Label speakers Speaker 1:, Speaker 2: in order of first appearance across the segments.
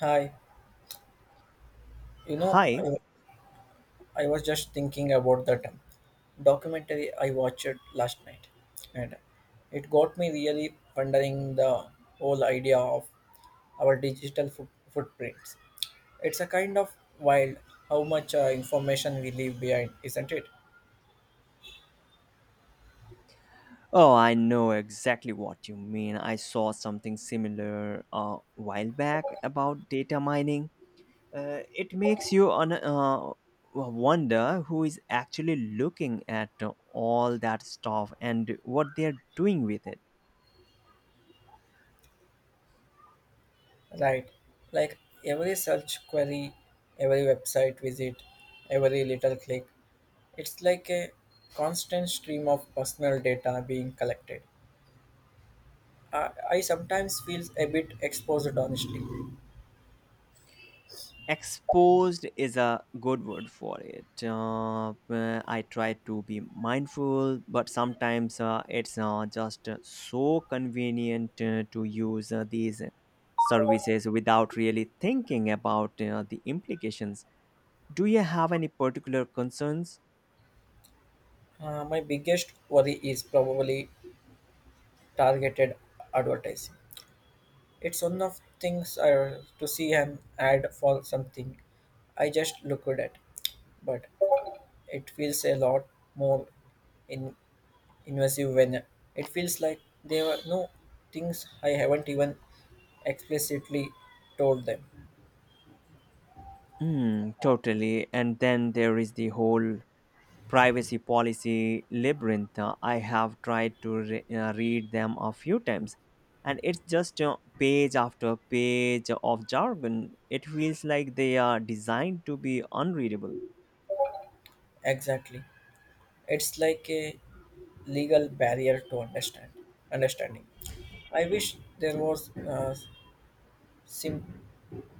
Speaker 1: Hi, you know,
Speaker 2: Hi.
Speaker 1: I, I was just thinking about that documentary I watched last night, and it got me really pondering the whole idea of our digital footprints. It's a kind of wild how much information we leave behind, isn't it?
Speaker 2: Oh, I know exactly what you mean. I saw something similar a while back about data mining. It makes you wonder who is actually looking at all that stuff and what they're doing with it.
Speaker 1: Right, like every search query, every website visit, every little click, it's like a constant stream of personal data being collected. I sometimes feel a bit exposed, honestly.
Speaker 2: Exposed is a good word for it. I try to be mindful, but sometimes it's just so convenient to use these services without really thinking about the implications. Do you have any particular concerns?
Speaker 1: My biggest worry is probably targeted advertising. It's one of things to see an ad for something I just looked at, but it feels a lot more in, invasive when it feels like there were no things I haven't even explicitly told them.
Speaker 2: Mm, totally, and then there is the whole privacy policy labyrinth. I have tried to read them a few times, and it's just page after page of jargon. It feels like they are designed to be unreadable.
Speaker 1: Exactly. It's like a legal barrier to understanding. I wish there was a sim-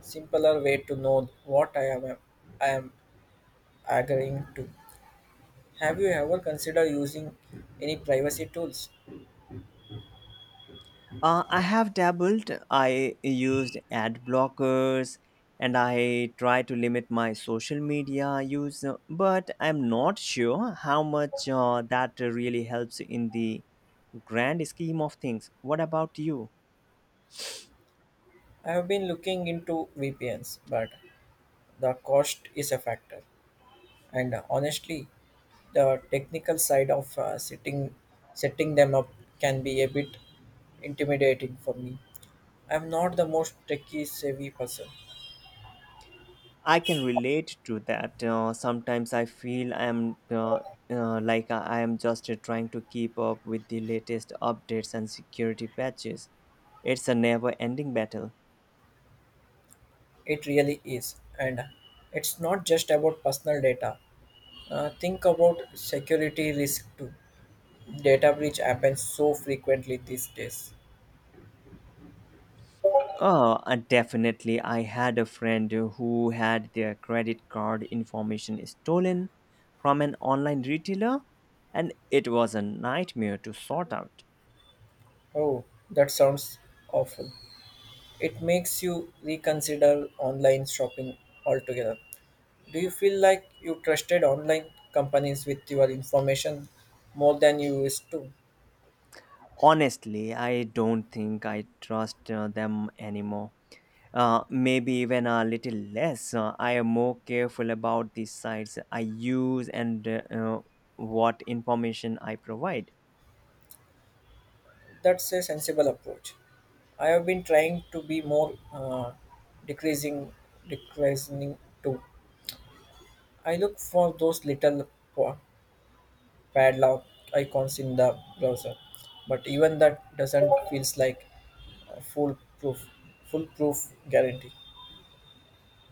Speaker 1: simpler way to know what I am agreeing to. Have you ever considered using any privacy tools?
Speaker 2: I have dabbled. I used ad blockers, and I try to limit my social media use, but I'm not sure how much that really helps in the grand scheme of things. What about you?
Speaker 1: I have been looking into VPNs, but the cost is a factor. And honestly, the technical side of setting them up can be a bit intimidating for me. I'm not the most techie savvy person.
Speaker 2: I can relate to that. Sometimes I feel I am like I am just trying to keep up with the latest updates and security patches. It's a never ending battle.
Speaker 1: It really is. And it's not just about personal data. Think about security risk too. Data breach happens so frequently these days.
Speaker 2: Oh, definitely. I had a friend who had their credit card information stolen from an online retailer, and it was a nightmare to sort out.
Speaker 1: Oh, that sounds awful. It makes you reconsider online shopping altogether. Do you feel like you trusted online companies with your information more than you used to?
Speaker 2: Honestly, I don't think I trust them anymore. Maybe even a little less. I am more careful about the sites I use, and what information I provide.
Speaker 1: That's a sensible approach. I have been trying to be more decreasing, decreasing too. I look for those little pa- padlock icons in the browser, but even that doesn't feels like a foolproof guarantee.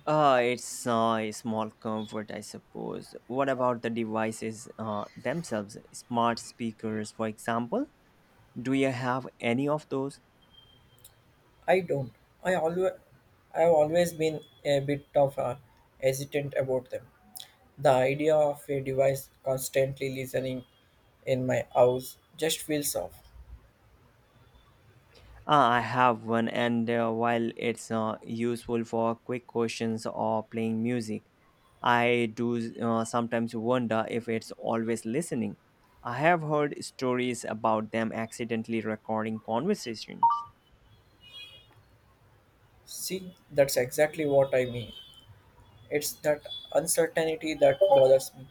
Speaker 2: It's a small comfort, I suppose. What about the devices themselves? Smart speakers, for example. Do you have any of those?
Speaker 1: I don't. I always, I have always been a bit of a hesitant about them. The idea of a device constantly listening in my house just feels off.
Speaker 2: I have one, and while it's useful for quick questions or playing music, I do sometimes wonder if it's always listening. I have heard stories about them accidentally recording conversations.
Speaker 1: See, that's exactly what I mean. It's that uncertainty that bothers me.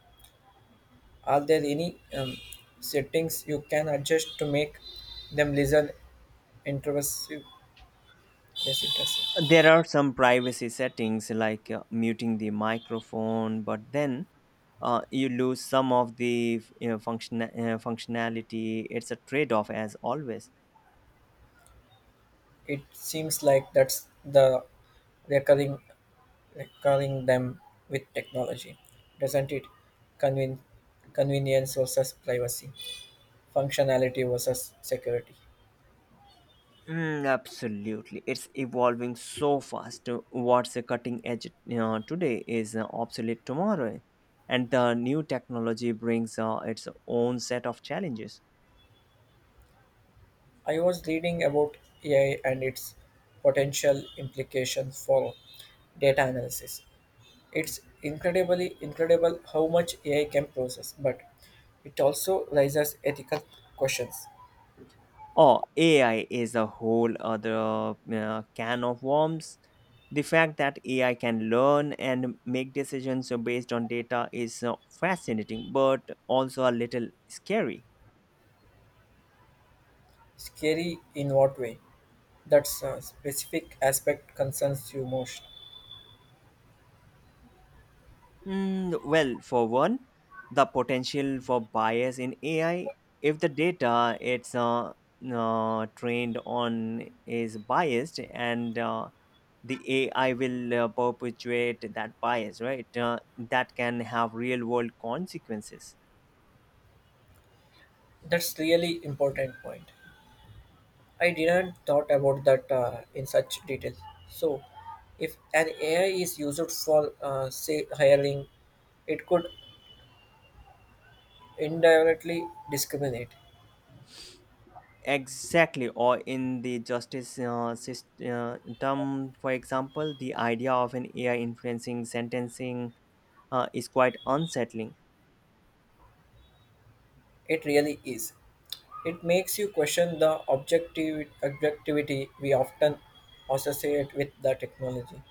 Speaker 1: Are there any settings you can adjust to make them intrusive, less intrusive?
Speaker 2: There are some privacy settings like muting the microphone, but then you lose some of the functionality. It's a trade off, as always.
Speaker 1: It seems like that's the recurring, recurring them with technology, doesn't it? Conven- convenience versus privacy, functionality versus security.
Speaker 2: Mm, absolutely, it's evolving so fast. What's a cutting edge today is obsolete tomorrow, and the new technology brings its own set of challenges.
Speaker 1: I was reading about AI and its potential implications for data analysis. It's incredibly incredible how much AI can process, but it also raises ethical questions.
Speaker 2: Oh, AI is a whole other can of worms. The fact that AI can learn and make decisions based on data is fascinating, but also a little scary.
Speaker 1: Scary in what way? That's a specific aspect concerns you most.
Speaker 2: Mm, well, for one, the potential for bias in AI, if the data it's trained on is biased, and the AI will perpetuate that bias, right? That can have real world consequences.
Speaker 1: That's really important point. I didn't thought about that in such detail. So, if an AI is used for say hiring, it could indirectly discriminate.
Speaker 2: Exactly, or in the justice system, for example, the idea of an AI influencing sentencing is quite unsettling.
Speaker 1: It really is. It makes you question the objectivity we often associate with the technology.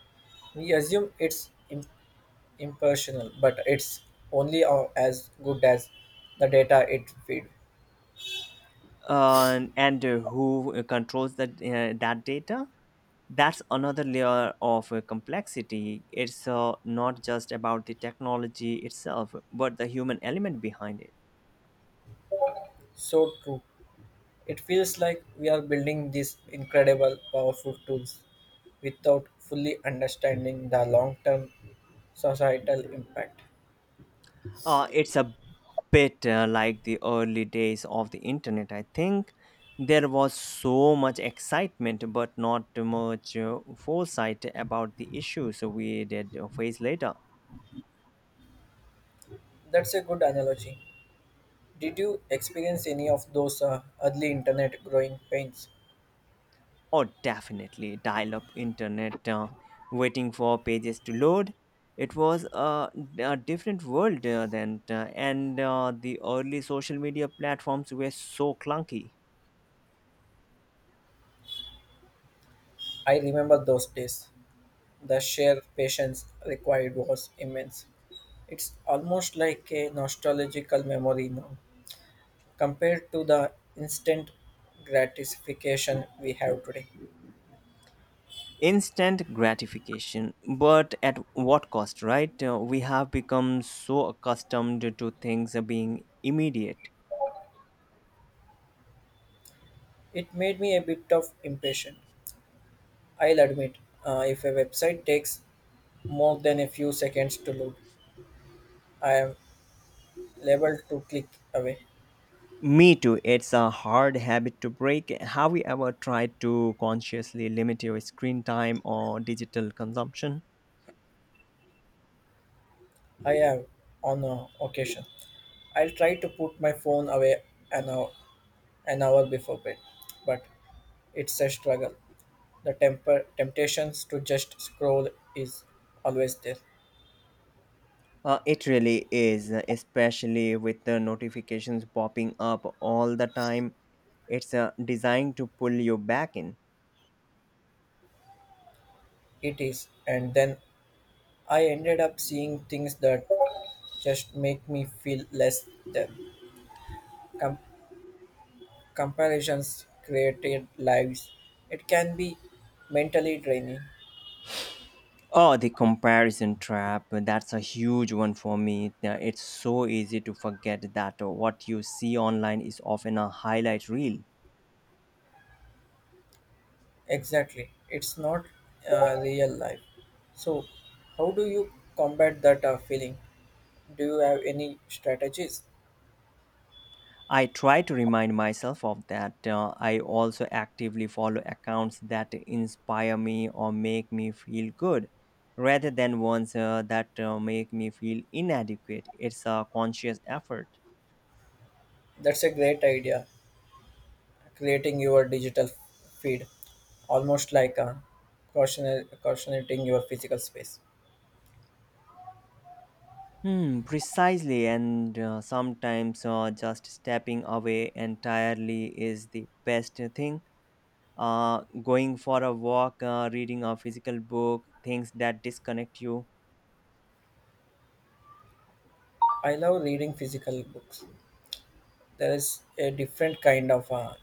Speaker 1: We assume it's impersonal, but it's only as good as the data it feeds.
Speaker 2: And who controls that that data? That's another layer of complexity. It's not just about the technology itself, but the human element behind it.
Speaker 1: So true. It feels like we are building these incredible, powerful tools without fully understanding the long term societal impact.
Speaker 2: It's a bit like the early days of the internet, I think. There was so much excitement but not much foresight about the issues we did face later.
Speaker 1: That's a good analogy. Did you experience any of those early internet growing pains?
Speaker 2: Oh, definitely. Dial up internet, waiting for pages to load. It was a different world then, and the early social media platforms were so clunky.
Speaker 1: I remember those days. The sheer patience required was immense. It's almost like a nostalgical memory now, compared to the instant gratification we have today.
Speaker 2: Instant gratification, but at what cost, right? We have become so accustomed to things being immediate.
Speaker 1: It made me a bit of impatient. I'll admit, if a website takes more than a few seconds to load, I am liable to click away.
Speaker 2: Me too. It's a hard habit to break. Have you ever tried to consciously limit your screen time or digital consumption?
Speaker 1: I have on occasion. I'll try to put my phone away an hour, an hour before bed, but it's a struggle. The temptations to just scroll is always there.
Speaker 2: It really is, especially with the notifications popping up all the time. It's designed to pull you back in.
Speaker 1: It is, and then I ended up seeing things that just make me feel less than. Com- comparisons created lives. It can be mentally draining.
Speaker 2: Oh, the comparison trap. That's a huge one for me. It's so easy to forget that what you see online is often a highlight reel.
Speaker 1: Exactly, it's not real life. So, how do you combat that feeling? Do you have any strategies?
Speaker 2: I try to remind myself of that. I also actively follow accounts that inspire me or make me feel good, rather than ones that make me feel inadequate. It's a conscious effort.
Speaker 1: That's a great idea. Creating your digital feed, almost like a cautionating your physical space.
Speaker 2: Hmm, precisely, and sometimes just stepping away entirely is the best thing. Going for a walk, reading a physical book, things that disconnect you.
Speaker 1: I love reading physical books. There is a different kind of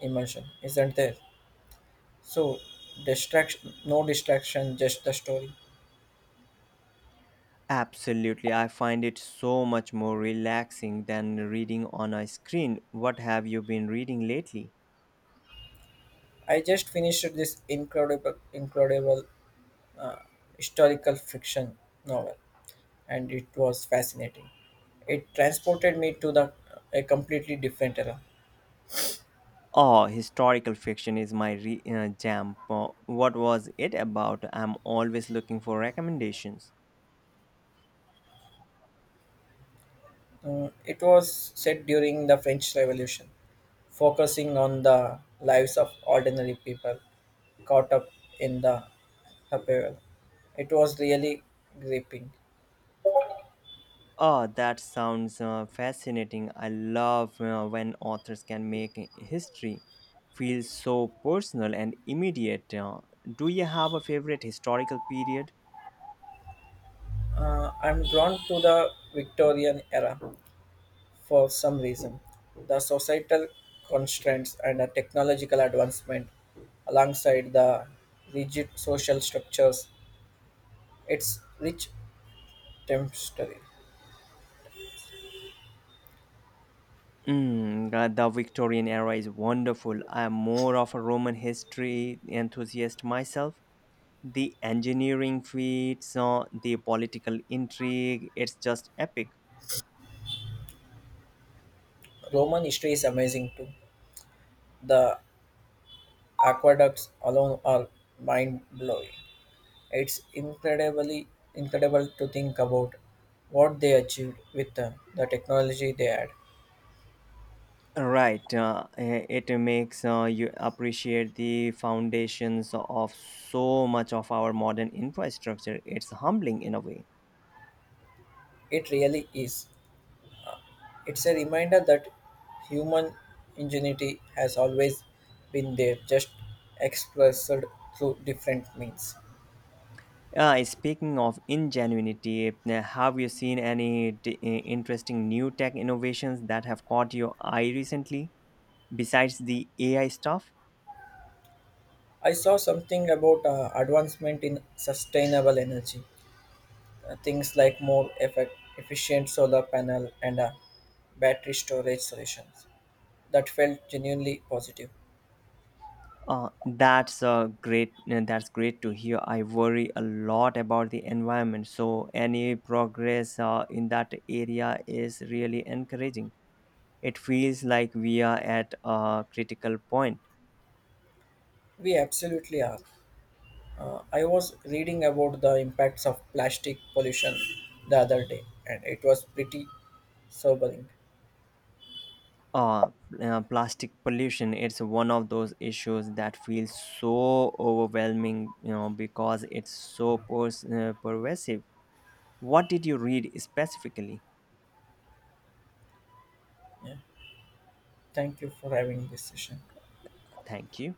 Speaker 1: immersion, isn't there? So, distraction, no distraction, just the story.
Speaker 2: Absolutely, I find it so much more relaxing than reading on a screen. What have you been reading lately?
Speaker 1: I just finished this incredible historical fiction novel, and it was fascinating. It transported me to the a completely different era.
Speaker 2: Oh, historical fiction is my jam. What was it about? I'm always looking for recommendations.
Speaker 1: It was set during the French Revolution, focusing on the lives of ordinary people caught up in the upheaval. It was really gripping.
Speaker 2: Oh, that sounds fascinating. I love when authors can make history feel so personal and immediate. Do you have a favorite historical period?
Speaker 1: I'm drawn to the Victorian era for some reason. The societal constraints and the technological advancement, alongside the rigid social structures. Its rich tapestry.
Speaker 2: Mm, the Victorian era is wonderful. I am more of a Roman history enthusiast myself. The engineering feats, the political intrigue, it's just epic.
Speaker 1: Roman history is amazing too. The aqueducts alone are mind blowing. It's incredibly incredible to think about what they achieved with the technology they had.
Speaker 2: Right, it makes you appreciate the foundations of so much of our modern infrastructure. It's humbling in a way.
Speaker 1: It really is. It's a reminder that human ingenuity has always been there, just expressed through different means.
Speaker 2: Speaking of ingenuity, have you seen any interesting new tech innovations that have caught your eye recently? Besides the AI stuff,
Speaker 1: I saw something about advancement in sustainable energy. Things like more efficient solar panel and battery storage solutions that felt genuinely positive.
Speaker 2: that's a great that's great to hear. I worry a lot about the environment, so any progress in that area is really encouraging. It feels like we are at a critical point.
Speaker 1: We absolutely are. I was reading about the impacts of plastic pollution the other day, and it was pretty sobering.
Speaker 2: Uh, Plastic pollution, it's one of those issues that feels so overwhelming, you know, because it's so pervasive. What did you read specifically?
Speaker 1: Yeah. Thank you for having this session.
Speaker 2: Thank you.